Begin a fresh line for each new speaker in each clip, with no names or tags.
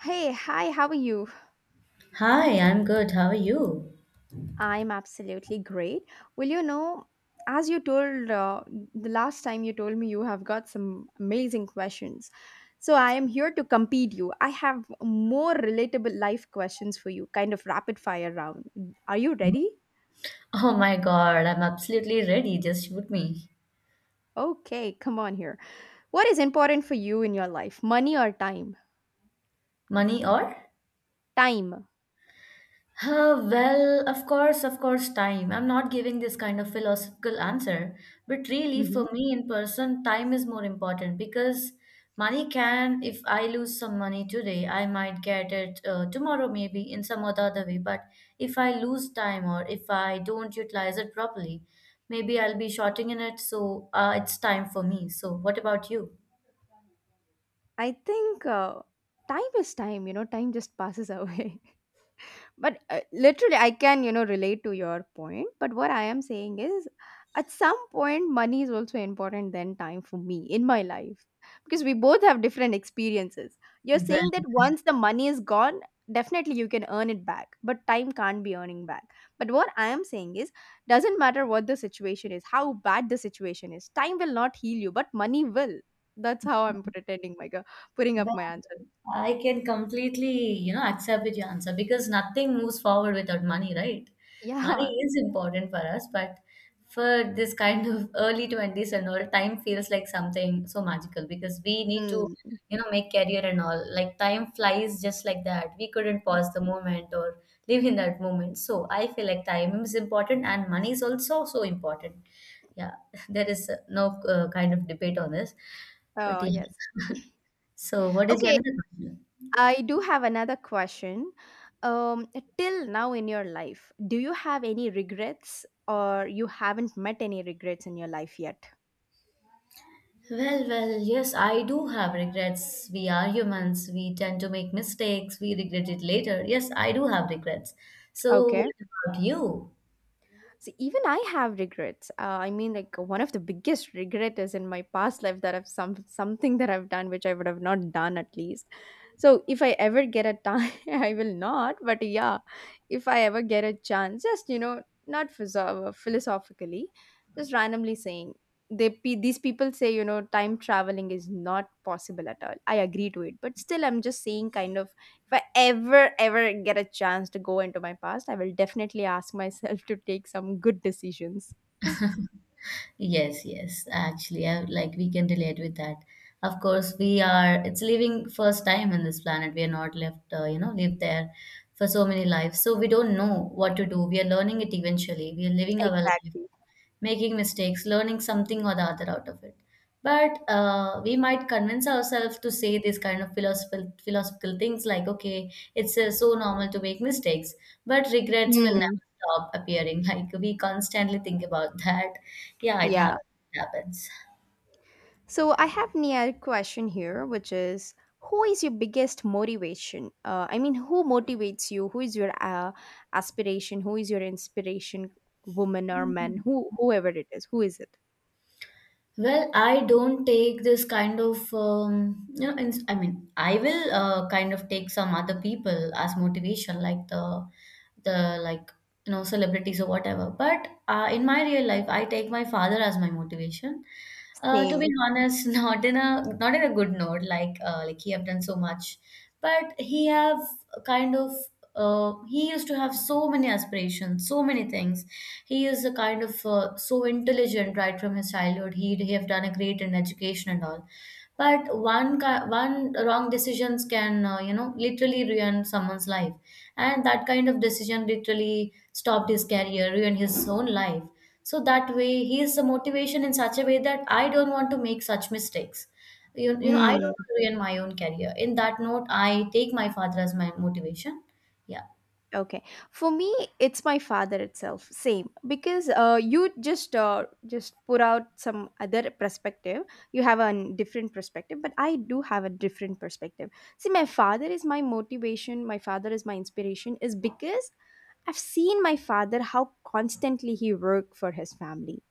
Hey, hi, how are you?
Hi, I'm good. How are you?
I'm absolutely great. Well, you know, as you told the last time you told me you have got some amazing questions. So I am here to compete you. I have more relatable life questions for you, kind of rapid fire round. Are you ready?
Oh my God, I'm absolutely ready. Just shoot me.
Okay, come on here. What is important for you in your life? Money or time?
Money or?
Time.
Well, of course, time. I'm not giving this kind of philosophical answer, but really,
Mhm.
for me in person, time is more important because money can, if I lose some money today, I might get it tomorrow, maybe in some other way. But if I lose time or if I don't utilize it properly, maybe I'll be shorting in it. So it's time for me. So, what about you?
I think time is time, you know, time just passes away. But literally, I can, you know, relate to your point. But what I am saying is, at some point, money is also important than time for me in my life because we both have different experiences. You're
Well,
saying that once the money is gone, definitely you can earn it back, but time can't be earning back. But what I am saying is, doesn't matter what the situation is, how bad the situation is, time will not heal you, but money will. That's how I'm pretending, my girl, putting up
well,
my answer.
I can completely, you know, accept with your answer because nothing moves forward without money, right? Money
Yeah.
is important for us, but for this kind of early 20s and all, time feels like something so magical because we need to,
Mm.
you know, make career and all. Like time flies just like that. We couldn't
Y-
pause the moment or live in that moment. So I feel like time is important and money is also so important. Yeah, there is no kind of debate on this, but
Oh,
yeah.
yes.
So, what is your
Okay,
another question?
I do have another question. Um, Till now in your life, do you have any regrets or you haven't met any regrets in your life yet?
Well, yes, I do have regrets. We are humans. We tend to make mistakes. We regret it later. Yes, I do have regrets. So, what
Okay.
about you?
See, even I have regrets. I mean, like one of the biggest regret is in my past life that I've some something that I've done which I would have not done at least. So if I ever get a time, I will not. But yeah, if I ever get a chance, just you know, not philosophically, just randomly saying these people say you know time traveling is not possible at all. I agree to it, but still I'm just saying kind of if I ever, ever get a chance to go into my past, I will definitely ask myself to take some good decisions.
Yes, yes, actually, I, like we can relate with that. Of course, we are, it's living first time in this planet. We are not left, you know, live there for so many lives. So, we don't know what to do. We are learning it eventually. We are living our life,
Exactly.
making mistakes, learning something or the other out of it. But we might convince ourselves to say these kind of philosophical things like, okay, it's so normal to make mistakes, but regrets will
Hmm.
never stop appearing. Like we constantly think about that. Yeah, it
Yeah.
happens. It happens.
So I have Nia question here, which is who is your biggest motivation? I mean, who motivates you? Who is your aspiration? Who is your inspiration? Woman or man? Whoever it is, who is it?
Well, I don't take this kind of, you know, I will kind of take some other people as motivation, like the you know celebrities or whatever. But in my real life, I take my father as my motivation. To be
Same.
honest, not in a good note. Like he have done so much, but he have kind of he used to have so many aspirations, so many things. He is a kind of so intelligent right from his childhood. He have done a great in education and all, but one wrong decisions can you know literally ruin someone's life, and that kind of decision literally stopped his career, ruined his own life. So that way, he is a motivation in such a way that I don't want to make such mistakes. You know, I don't
Mm.
want to ruin my own career. In that note, I take my father as my motivation, yeah.
Okay. For me, it's my father itself. Same. Because you just put out some other perspective. You have a different perspective, but I do have a different perspective. See, my father is my motivation. My father is my inspiration. Is because I've seen my father how constantly he worked for his family,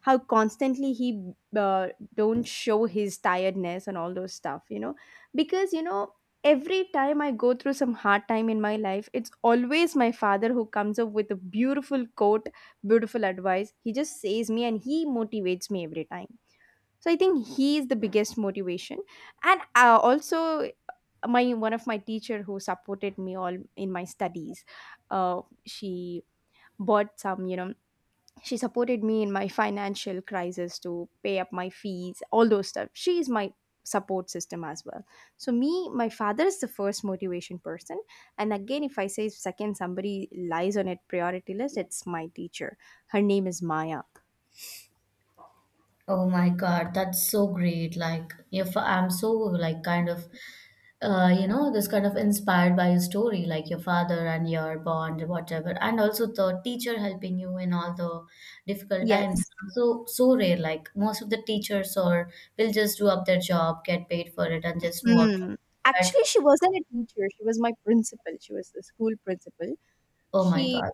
how constantly he don't show his tiredness and all those stuff, you know, because you know every time I go through some hard time in my life, it's always my father who comes up with a beautiful quote, beautiful advice. He just says me and he motivates me every time. So I think he is the biggest motivation, and also my one of my teacher who supported me all in my studies. She bought some, you know, she supported me in my financial crisis to pay up my fees, all those stuff. She is my support system as well. So me my father is the first motivation person, and again if I say second somebody lies on it priority list, it's my teacher. Her name is Maya.
Oh my God, that's so great. Like, if I'm so like kind of, you know, this kind of inspired by your story, like your father and your bond, whatever, and also the teacher helping you in all the difficult times.
Yes.
So so rare. Like most of the teachers or will just do up their job, get paid for it, and just move out.
Mm.
But
Actually, she wasn't a teacher, she was my principal, she was the school principal.
oh my
She
God,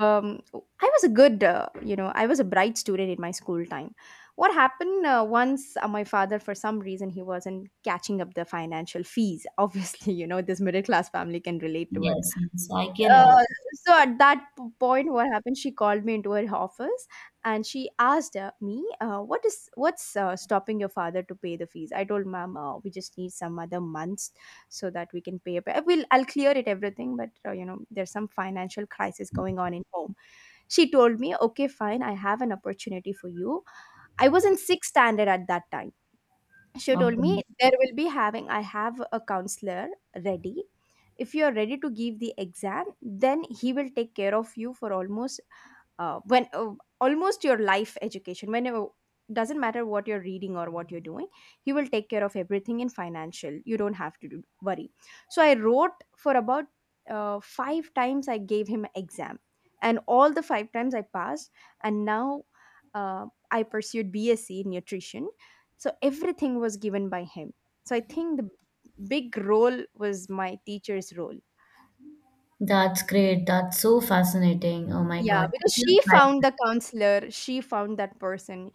I was a good, you know, I was a bright student in my school time. What happened once my father, for some reason, he wasn't catching up the financial fees. Obviously, you know, this middle class family can relate to it.
yes, yes, I can it.
Uh, so at that point, what happened? She called me into her office and she asked me, "What is what's stopping your father to pay the fees?" I told mom, "We just need some other months so that we can pay. Up. I will. I'll clear it everything, but you know, there's some financial crisis going on in home." She told me, okay, fine, I have an opportunity for you. I was in sixth standard at that time. She told
Okay.
me, there will be having, I have a counselor ready. If you are ready to give the exam, then he will take care of you for uh, when uh, almost your life education, whenever, doesn't matter what you're reading or what you're doing, he will take care of everything in financial, you don't have to do, worry. So I wrote for about five times I gave him exam, and all the five times I passed. And now, uh, I pursued BSc in nutrition. So everything was given by him. So I think the big role was my teacher's role.
That's great. That's so fascinating. Oh my
Yeah,
God.
because
Teachers,
she
right?
found the counselor, she found that person.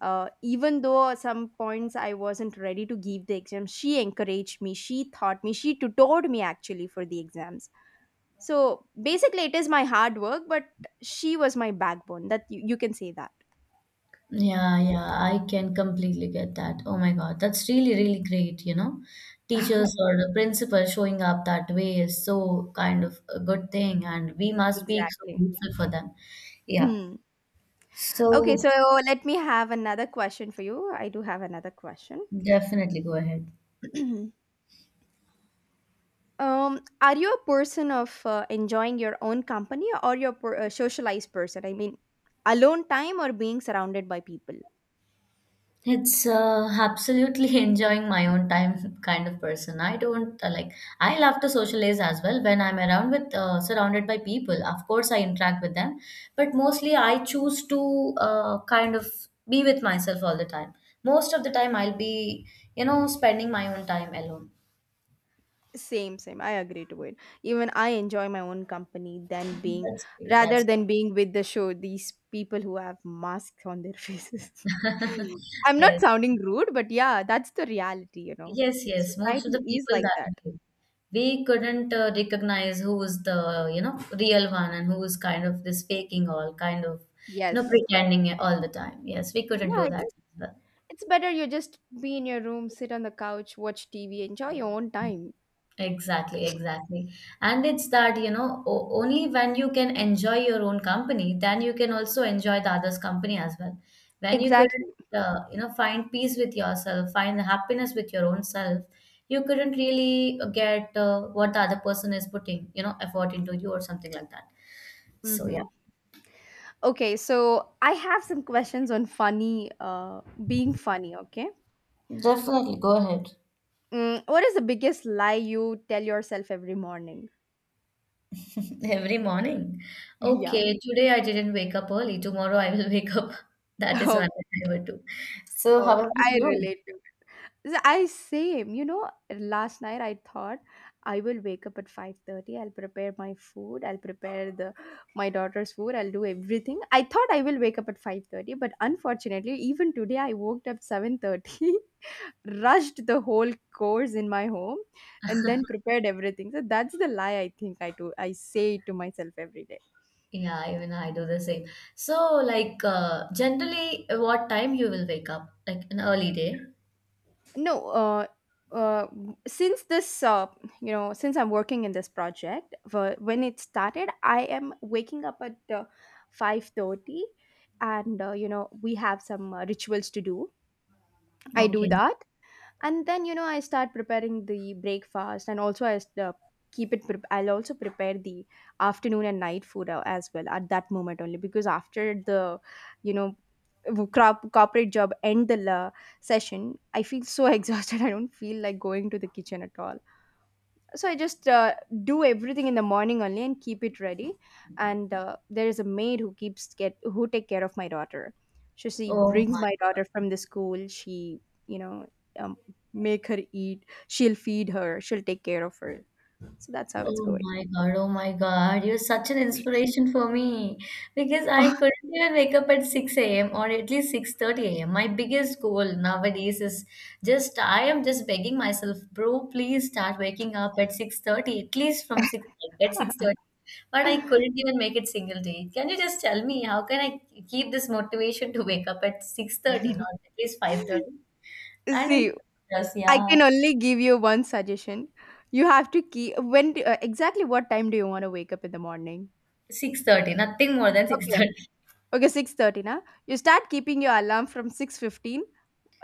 Even though at some points I wasn't ready to give the exam, she encouraged me, she taught me, she tutored me actually for the exams. So basically, it is my hard work, but she was my backbone. That you can say that.
Yeah, yeah, I can completely get that. Oh my God, that's really, really great, you know. Teachers or the principal showing up that way is so kind of a good thing, and we must be so
Exactly.
grateful for them. Yeah,
Hmm. Okay,
so
so let me have another question for you. I do have another question.
definitely go ahead.
Are you a person of enjoying your own company or your socialized person? I mean, alone time or being surrounded by people?
It's absolutely enjoying my own time kind of person. I don't like. I love to socialize as well when I'm around with surrounded by people. Of course, I interact with them, but mostly I choose to kind of be with myself all the time. Most of the time, I'll be you know spending my own time alone.
Same, same. I agree to it. Even I enjoy my own company than being,
That's great.
rather
That's
than being with the show. These people who have masks on their faces. I'm not
yes.
sounding rude, but yeah, that's the reality. You know,
Yes, yes. Most of the
society is
people
like
that
that.
way. We couldn't recognize who was the, you know, real one and who was kind of this faking all, kind of, you know,
Yes.
pretending all the time. Yes, we couldn't
Yeah,
do
it's,
that.
it's better you just be in your room, sit on the couch, watch TV, enjoy your own time.
Exactly, exactly. And it's that, you know, only when you can enjoy your own company, then you can also enjoy the other's company as well. When you couldn't,
Exactly.
you know, find peace with yourself, find the happiness with your own self, you couldn't really get what the other person is putting, you know, effort into you or something like that. So, yeah.
Hmm. Okay, so I have some questions on funny, being funny. Okay,
Definitely, go ahead.
what is the biggest lie you tell yourself every morning?
Every morning.
Yeah.
Okay, today I didn't wake up early. Tomorrow I will wake up. That is what
Okay,
I would do. So, how about
okay. I
you?
relate to it. I same. You know, last night I thought I will wake up at 5:30. I'll prepare my food. I'll prepare the my daughter's food. I'll do everything. I thought I will wake up at 5:30, but unfortunately, even today I woke up 7:30. Rushed the whole course in my home and then prepared everything. So that's the lie I think I do, I say to myself every day.
Yeah, even I do the same. So, like, generally, what time you will wake up? Like an early day?
No uh uh, since this, you know, since I'm working in this project, when it started I am waking up at 5:30, and you know we have some rituals to do. I do
Okay.
that. And then you know I start preparing the breakfast, and also I keep it prep, I'll also prepare the afternoon and night food as well at that moment only, because after the, you know, corporate job end, the session, I feel so exhausted. I don't feel like going to the kitchen at all. So I just do everything in the morning only and keep it ready. And there is a maid who keeps get who take care of my daughter. So she
Oh
brings
my
my daughter from the school. She, you know, um, make her eat, she'll feed her, she'll take care of her. So that's how it's going.
Oh my God, you're such an inspiration for me because I couldn't even wake up at 6 a.m. or at least 6:30 a.m. My biggest goal nowadays is just I am just begging myself, bro, please start waking up at 6:30, at least from 6 at 6:30. But I couldn't even make it single day. Can you just tell me how can I keep this motivation to wake up at 6:30, not at least 5:30? And
See,
in the
I
yeah,
can only give you one suggestion. You have to keep, exactly what time do you want to wake up in the morning?
6:30, nothing more than
Okay,
6:30.
okay, 6:30. Now you start keeping your alarm from 6:15,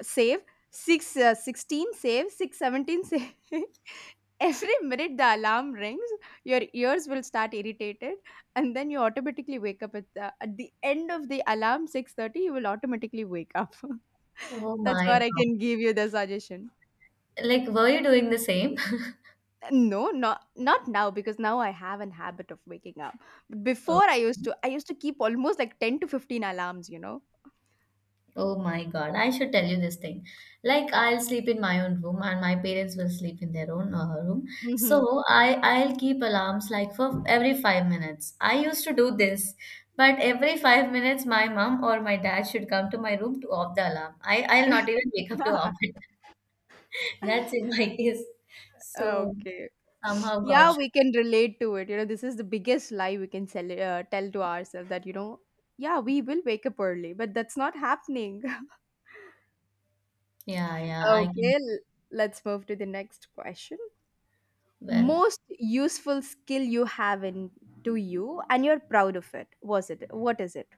save 6, 16, save 617, save. Every minute the alarm rings, your ears will start irritated, and then you automatically wake up at the, at the end of the alarm 6:30, you will automatically wake up.
Oh
That's
my
what I
God.
can give you the suggestion.
Like, were you doing the same?
No, not, not now, because now I have an habit of waking up, but
Oh.
before I used to keep almost like 10 to 15 alarms, you know.
Oh my God, I should tell you this thing. Like I'll sleep in my own room and my parents will sleep in their own room.
Hmm.
So I'll keep alarms like for every 5 minutes. I used to do this, but every 5 minutes my mom or my dad should come to my room to off the alarm. I'll not even wake up to off it. That's in my case.
Ah,
So
okay.
somehow God
Yeah,
should.
we can relate to it. You know, this is the biggest lie we can tell to ourselves that, you know, yeah, we will wake up early, but that's not happening.
Yeah, yeah, I can.
Okay, let's move to the next question.
Well.
Most useful skill you have in to you and you're proud of it. Was it? What is it?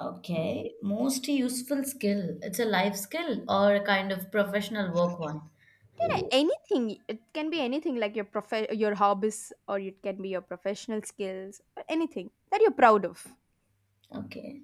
Okay, most useful skill. It's a life skill or a kind of professional work one.
Yeah, anything. It can be anything like your hobbies or it can be your professional skills or anything that you're proud of.
Okay.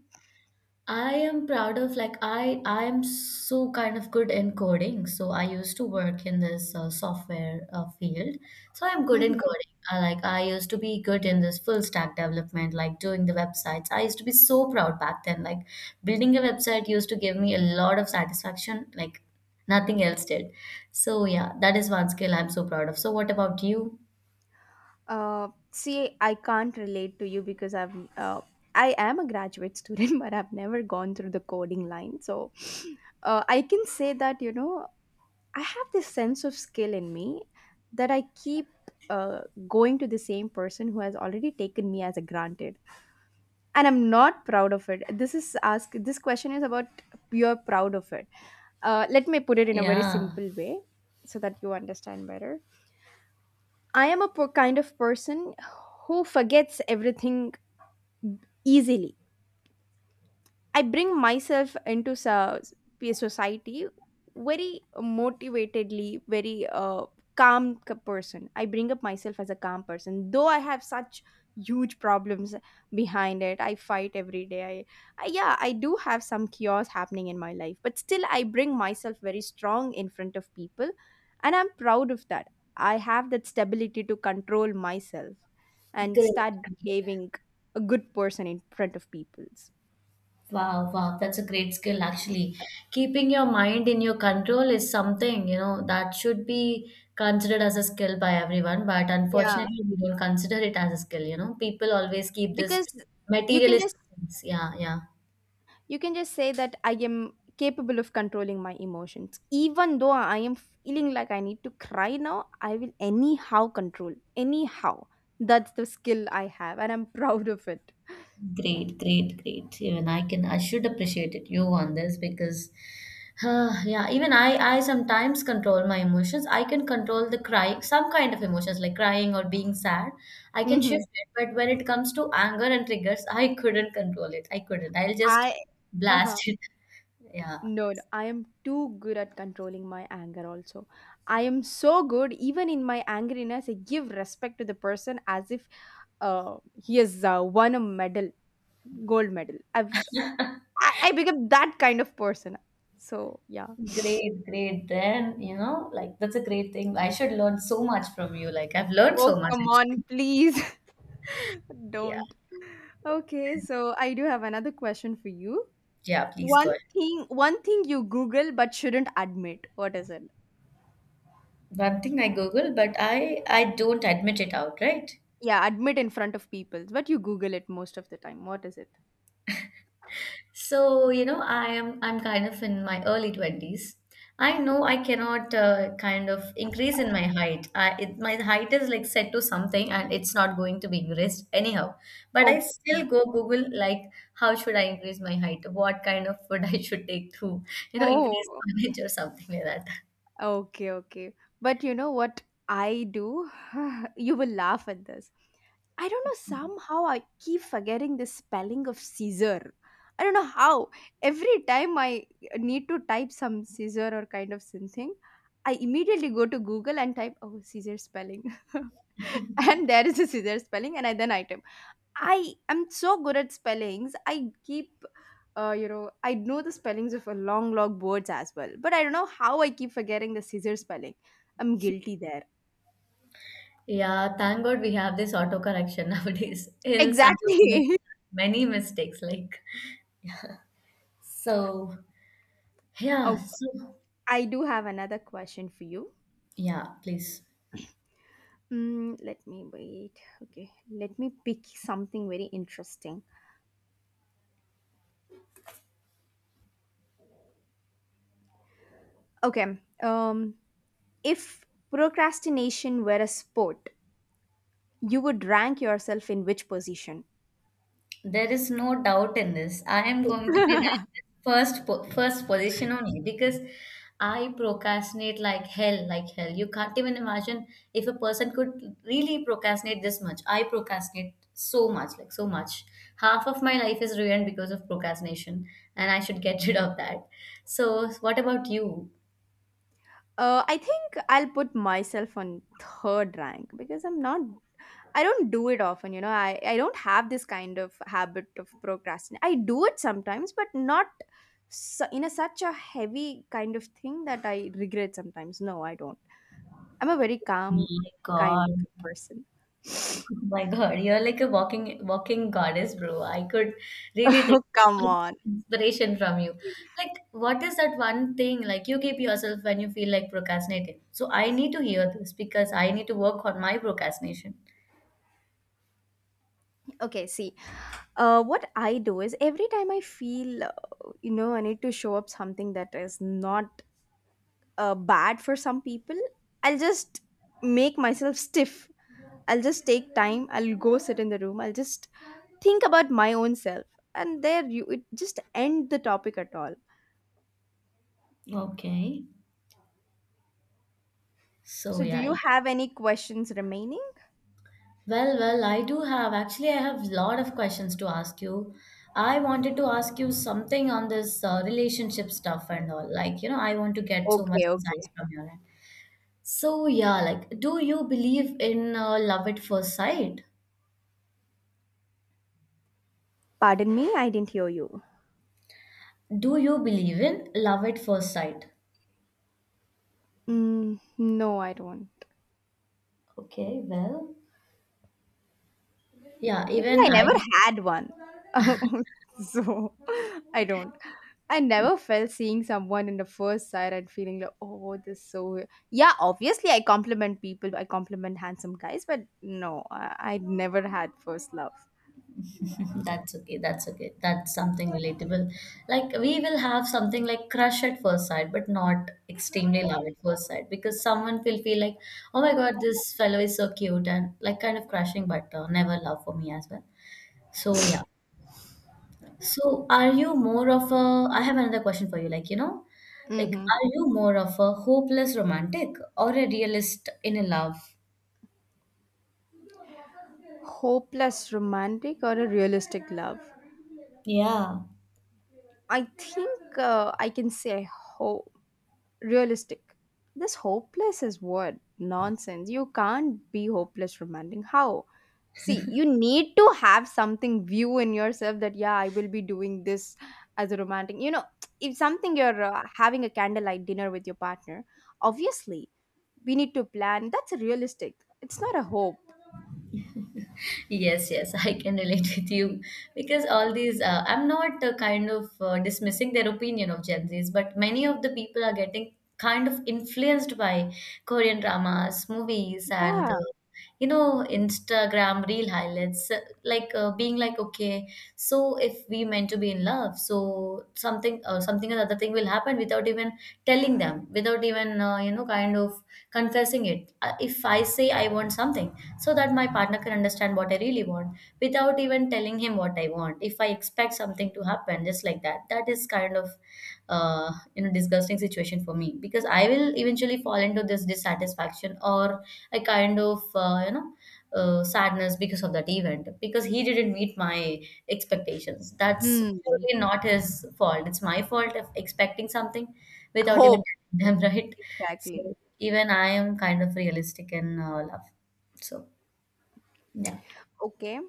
I am proud of like I am so kind of good in coding. So I used to work in this software field. So I'm good in coding. Like I used to be good in this full stack development, like doing the websites. I used to be so proud back then. Like building a website used to give me a lot of satisfaction. Like nothing else did. So yeah, that is one skill I'm so proud of. So what about you?
See, I can't relate to you because I am a graduate student, but I've never gone through the coding line. So I can say that, you know, I have this sense of skill in me that I keep uh, going to the same person who has already taken me as a granted, and I'm not proud of it. This is ask this question is about you're proud of it. Let me put it in a very
Yeah,
simple way so that you understand better. I am a kind of person who forgets everything easily. I bring myself into society very motivatedly, very calm person. I bring up myself as a calm person, though I have such huge problems behind it. I fight every day. I Yeah, I do have some chaos happening in my life, but still, I bring myself very strong in front of people, and I'm proud of that. I have that stability to control myself and
great.
start behaving a good person in front of people's.
Wow, wow, that's a great skill actually. Keeping your mind in your control is something, you know, that should be considered as a skill by everyone, but
Yeah,
unfortunately, we don't consider it as a skill, you know. People always keep this
because you can just
materialistic things. Yeah, yeah.
you can just say that I am capable of controlling my emotions. Even though I am feeling like I need to cry now, I will anyhow control, anyhow. That's the skill I have, and I'm proud of it.
Great, great, great. Even I can, I should appreciate it you on this because huh, yeah, I sometimes control my emotions. I can control the cry, some kind of emotions like crying or being sad. I can shift
hmm
it, but when it comes to anger and triggers, I couldn't control it. I couldn't. I'll just
I
blast
uh-huh
it. Yeah.
no, no, I am too good at controlling my anger also. I am so good even in my angeriness I give respect to the person as if he has won a medal, gold medal. I became that kind of person. So yeah.
Great, great. Then, you know, like that's a great thing. I should learn so much from you. Like I've learned so
Oh,
much
come on,
actually.
please.
Yeah.
Don't. Okay, so I do have another question for you.
Yeah, please
One
go ahead.
thing one thing you Google but shouldn't admit. What is it?
One thing I Google, but I don't admit it outright.
Yeah, admit in front of people. But you Google it most of the time. What is it?
So, you know, I'm kind of in my early 20s. I know I cannot kind of increase in my height. My height is like set to something and it's not going to be increased anyhow. But I
Oh,
still go Google like how should I increase my height? What kind of food I should take to, you know, increase
oh.
my height or something like that.
Okay, okay. But you know what I do? You will laugh at this. I don't know, somehow I keep forgetting the spelling of Caesar. I don't know how. Every time I need to type some Caesar or kind of something, I immediately go to Google and type, oh, Caesar spelling. And there is a Caesar spelling, and then I type. I am so good at spellings. You know, I know the spellings of a long log words as well. But I don't know how I keep forgetting the Caesar spelling. I'm guilty there.
Yeah, thank God we have this autocorrection nowadays. Else I would make
Exactly.
many mistakes like so yeah,
Oh,
so
I do have another question for you.
yeah, please.
Let me wait. Okay, let me pick something very interesting. Okay, if procrastination were a sport, you would rank yourself in which position?
There is no doubt in this. I am going to be ranked first position only because I procrastinate like hell, like hell. You can't even imagine if a person could really procrastinate this much. I procrastinate so much, like so much. Half of my life is ruined because of procrastination, and I should get rid of that. So, what about you?
I think I'll put myself on third rank because I'm not. I don't do it often, you know. I don't have this kind of habit of procrastination. I do it sometimes, but not in a such a heavy kind of thing that I regret sometimes. No, I don't. I'm a very
My
calm kind
God.
of person.
Oh my God, you're like a walking goddess, bro. I could really take
Oh,
so
come
much
on.
inspiration from you. Like, what is that one thing like you keep yourself when you feel like procrastinating? So I need to hear this because I need to work on my procrastination.
Okay, see, what I do is every time I feel, you know, I need to show up something that is not bad for some people, I'll just make myself stiff. I'll just take time. I'll go sit in the room. I'll just think about my own self. And there you it just end the topic at all.
Okay. So
So, do
yeah,
you
yeah.
have any questions remaining?
Well, I do have actually I have a lot of questions to ask you. I wanted to ask you something on this relationship stuff and all. I want to get so much
Okay,
insights
okay.
from you. So, yeah, like, do you believe in love at first sight?
Pardon me, I didn't hear you.
Do you believe in love at first sight?
Mm, no, I don't.
Okay, well, yeah,
Because
even
I
I.
never had one. So I don't. I never felt seeing someone in the first sight and feeling like, oh, this is so. Yeah, obviously, I compliment people. I compliment handsome guys, but no, I never had first love.
That's okay, that's okay. That's something relatable. Like, we will have something like crush at first sight, but not extremely love at first sight because someone will feel like, oh my god, this fellow is so cute and like kind of crushing, but never love for me as well. So, yeah. So are you more of a, I have another question for you, like,
hmm
are you more of a hopeless romantic or a realist in a love?
Hopeless romantic or a realistic love?
Yeah.
I think I can say hope. Realistic. This hopeless is what? Nonsense. You can't be hopeless romantic. How? See, you need to have something view in yourself that, yeah, I will be doing this as a romantic. You know, if something you're having a candlelight dinner with your partner, obviously we need to plan. That's a realistic. It's not a hope.
Yes, yes, I can relate with you because all these, I'm not kind of dismissing their opinion of Gen Zs, but many of the people are getting kind of influenced by Korean dramas, movies, and
Yeah.
you know, Instagram reel highlights, like being like, okay, so if we meant to be in love, so something, something or other thing will happen without even telling them, without even, you know, kind of confessing it. If I say I want something, so that my partner can understand what I really want without even telling him what I want. If I expect something to happen just like that, that is kind of you know disgusting situation for me because I will eventually fall into this dissatisfaction or a kind of you know sadness because of that event because he didn't meet my expectations. That's
Hmm.
purely not his fault. It's my fault of expecting something without even
Hope.
telling them, right?
Exactly.
So even I am kind of realistic in love. So yeah,
Okay.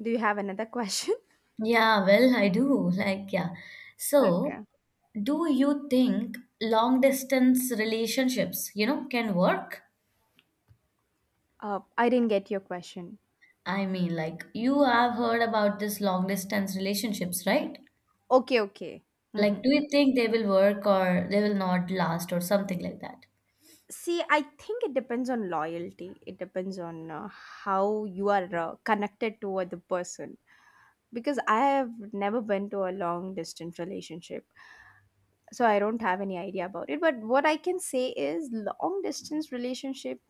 Do you have another question?
yeah. Well, I do like yeah. So
Okay.
do you think long distance relationships, you know, can work?
I didn't get your question.
I mean, like you have heard about this long distance relationships, right?
Okay, okay.
Like,
Mhm,
do
mhm.
you think they will work or they will not last or something like that?
See, I think it depends on loyalty. It depends on how you are connected to the person. Because I have never been to a long distance relationship, so I don't have any idea about it. But what I can say is, long distance relationship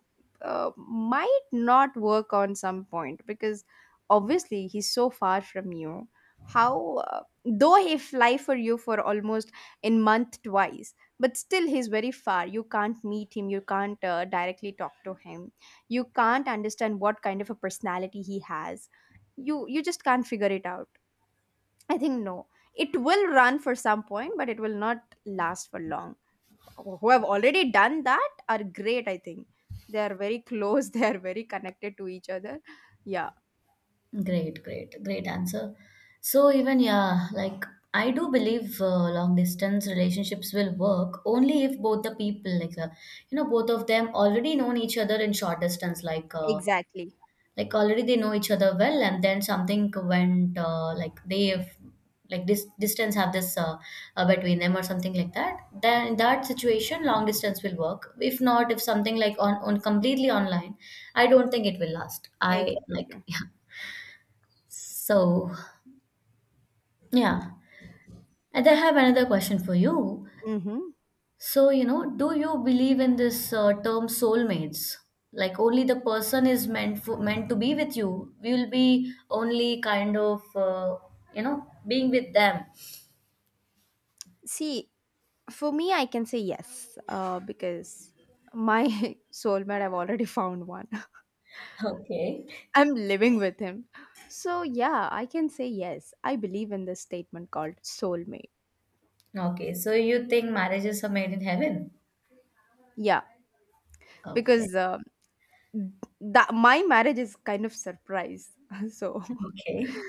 might not work on some point because obviously he's so far from you. How though he fly for you for almost in month twice, but still he's very far. You can't meet him, you can't directly talk to him. You can't understand what kind of a personality he has. You just can't figure it out. I think no, it will run for some point, but it will not last for long. Who have already done that are great, I think. They are very close. They are very connected to each other. Yeah.
Great, great, great answer. So even yeah, like I do believe long distance relationships will work only if both the people like you know both of them already known each other in short distance like
Exactly.
like already they know each other well, and then something went like they like this distance have this between them or something like that. Then in that situation, long distance will work. If not, if something like on completely online, I don't think it will last. I like
Exactly.
yeah. So yeah, and I have another question for you.
Mm-hmm.
So, you know, do you believe in this term soulmates? Like only the person is meant for, meant to be with you. We will be only kind of, you know, being with them.
See, for me, I can say yes, because my soulmate I've already found one.
Okay.
I'm living with him. So yeah, I can say yes, I believe in this statement called soulmate.
Okay. So you think marriages are made in heaven?
Yeah,
Okay.
because that my marriage is kind of surprise. So
Okay.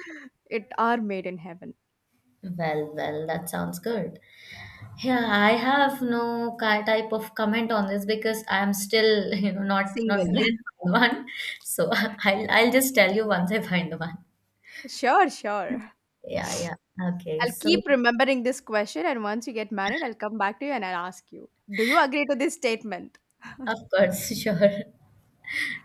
it are made in heaven.
Well, well, that sounds good. Yeah, I have no type of comment on this because I am still, you know, not
Single.
didn't find one. So I'll just tell you once I find the one.
Sure, sure.
Yeah, yeah. Okay.
I'll
So,
keep remembering this question, and once you get married, I'll come back to you and I'll ask you, do you agree to this statement?
of course, sure.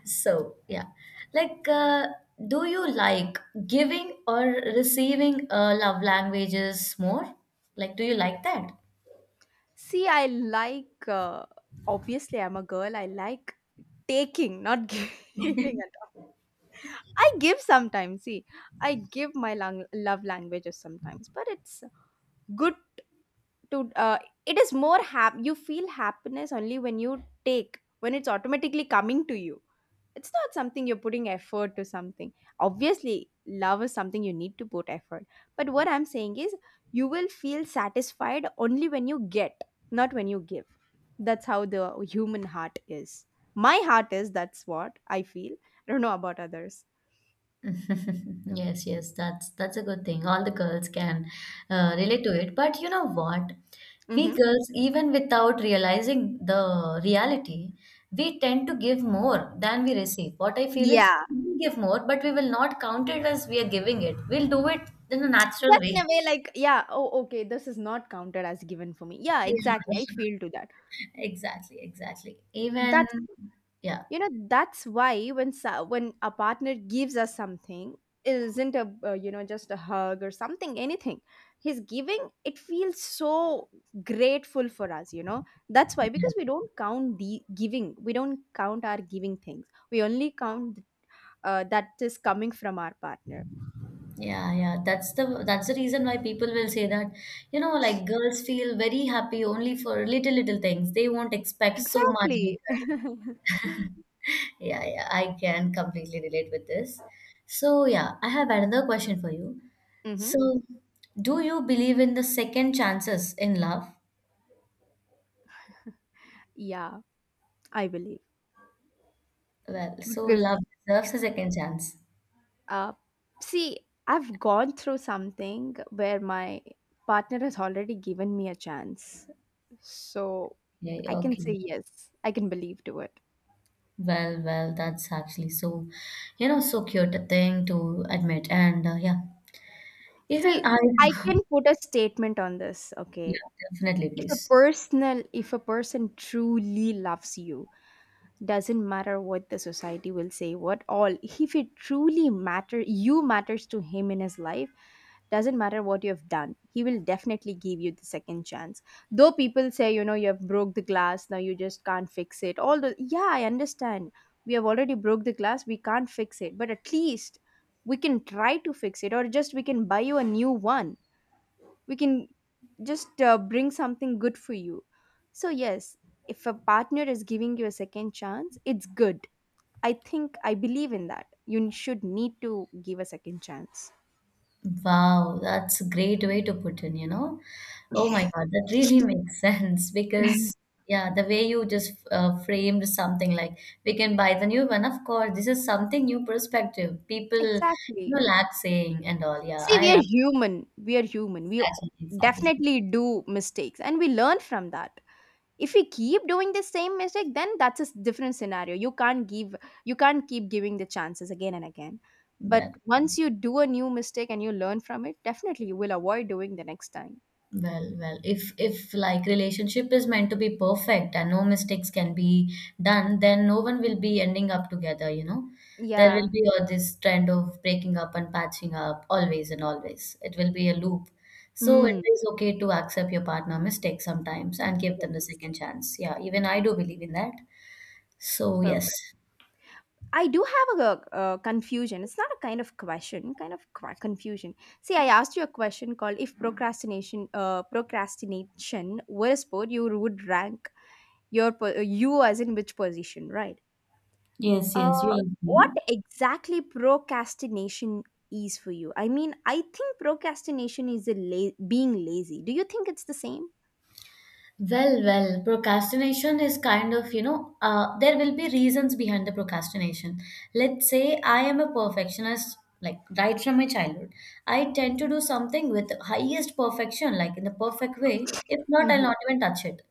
So, yeah. Like, do you like giving or receiving love languages more? Like, do you like that?
See, I like, obviously, I'm a girl, I like taking, not giving at all. I give sometimes, see, I give my love languages sometimes, but it's good to, it is more hap. You feel happiness only when you take, when it's automatically coming to you. It's not something you're putting effort to something. Obviously love is something you need to put effort. But what I'm saying is you will feel satisfied only when you get, not when you give. That's how the human heart is. My heart is, that's what I feel. I don't know about others.
Yes, yes, that's a good thing. All the girls can relate to it. But you know what? We
Hmm.
girls, even without realizing the reality, we tend to give more than we receive. What I feel is
Yeah,
we give more, but we will not count it as we are giving it. We'll do it in a natural
just in
way.
a way like, yeah, oh okay, this is not counted as given for me, yeah
Yeah.
exactly, I feel to that.
Exactly, exactly. Even,
That's,
yeah.
you know, that's why when when a partner gives us something, it isn't a you know, just a hug or something, anything he's giving, it feels so grateful for us, you know. That's why, because we don't count the giving, we don't count our giving things. We only count that is coming from our partner.
Yeah, yeah, that's the reason why people will say that, you know, like girls feel very happy only for little little things. They won't expect so much
Exactly.
bigger. Yeah, yeah, I can completely relate with this. So, yeah, I have another question for you.
Hmm.
So, do you believe in the second chances in love?
Yeah, I believe.
Well, so
Because
love deserves a second chance.
Uh, see, I've gone through something where my partner has already given me a chance. So
Yeah,
I can
okay.
say yes. I can believe to it.
Well, well, that's actually so, you know, so cute a thing to admit. And yeah, even
See,
I,
I can put a statement on this,
yeah,
okay?
definitely, please.
If a person truly loves you, doesn't matter what the society will say, what all, if it truly matters to him in his life, doesn't matter what you've done, he will definitely give you the second chance. Though people say, you know, you have broke the glass now, you just can't fix it all the, yeah, I understand. We have already broke the glass, we can't fix it, but at least we can try to fix it, or just we can buy you a new one. We can just bring something good for you. So yes, if a partner is giving you a second chance, it's good. I think I believe in that. You should need to give a second chance.
Wow, that's a great way to put in, you know. Oh my God, that really makes sense because, yeah, the way you just framed something like we can buy the new one. Of course, this is something new perspective. People, you
Exactly.
know, lack saying and all. Yeah,
See,
I
we are
love
human. We are human. We
exactly, exactly.
definitely do mistakes and we learn from that. If we keep doing the same mistake, then that's a different scenario. You can't keep giving the chances again and again. But
But
once you do a new mistake and you learn from it, definitely you will avoid doing the next time.
well, well, if like relationship is meant to be perfect and no mistakes can be done, then no one will be ending up together, you know. There will
Yeah.
be all this trend of breaking up and patching up always and always. It will be a loop. So it
Mm.
is okay to accept your partner mistakes sometimes and give them the second chance. Yeah, even I do believe in that. So yes.
I do have a, uh, confusion. It's not a kind of question, kind of confusion. See, I asked you a question called if procrastination, were a sport, you would rank your you as in which position, right?
Yes, yes,
Uh,
you agree.
what exactly procrastination is for you? I mean, I think procrastination is a being lazy. Do you think it's the same?
Well, well, procrastination is kind of, you know, there will be reasons behind the procrastination. Let's say I am a perfectionist, like right from my childhood. I tend to do something with highest perfection, like in the perfect way. If not, I'll
Mm-hmm,
not even touch it.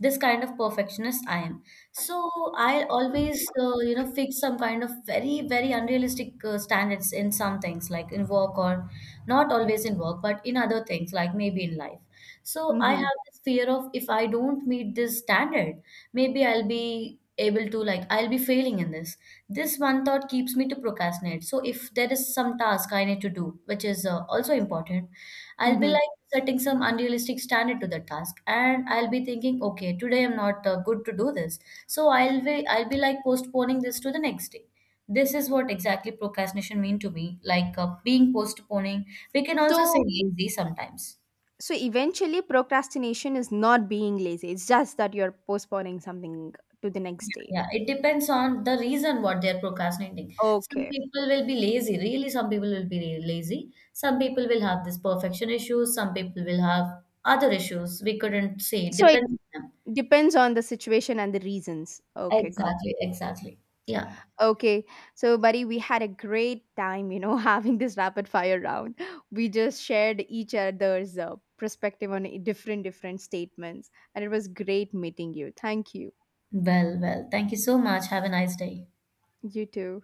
This kind of perfectionist I am. So I'll always, you know, fix some kind of very, very unrealistic standards in some things, like in work or not always in work, but in other things, like maybe in life. So I
mm-hmm,
have this fear of if I don't meet this standard, maybe I'll be able to like I'll be failing in this. This one thought keeps me to procrastinate. So if there is some task I need to do, which is also important, I'll be
mm-hmm.
like setting some unrealistic standard to the task, and I'll be thinking, okay, today I'm not good to do this. So I'll be like postponing this to the next day. This is what exactly procrastination mean to me, like being postponing. We can also say
So,
lazy sometimes.
so eventually, procrastination is not being lazy. It's just that you're postponing something to the
Yeah,
next day.
yeah. It depends on the reason what they're procrastinating. Some
Okay.
people will be lazy, really, some people will be really lazy. Some people will have this perfection issues, some people will have other issues. We couldn't say. It
So it
depends on them.
depends on the situation and the reasons. Okay, got
Exactly,
it.
exactly. Yeah.
Okay. So, buddy, we had a great time, you know, having this rapid fire round. We just shared each other's perspective on different different statements, and it was great meeting you. Thank you.
Well, well, thank you so much. Have a nice day.
You too.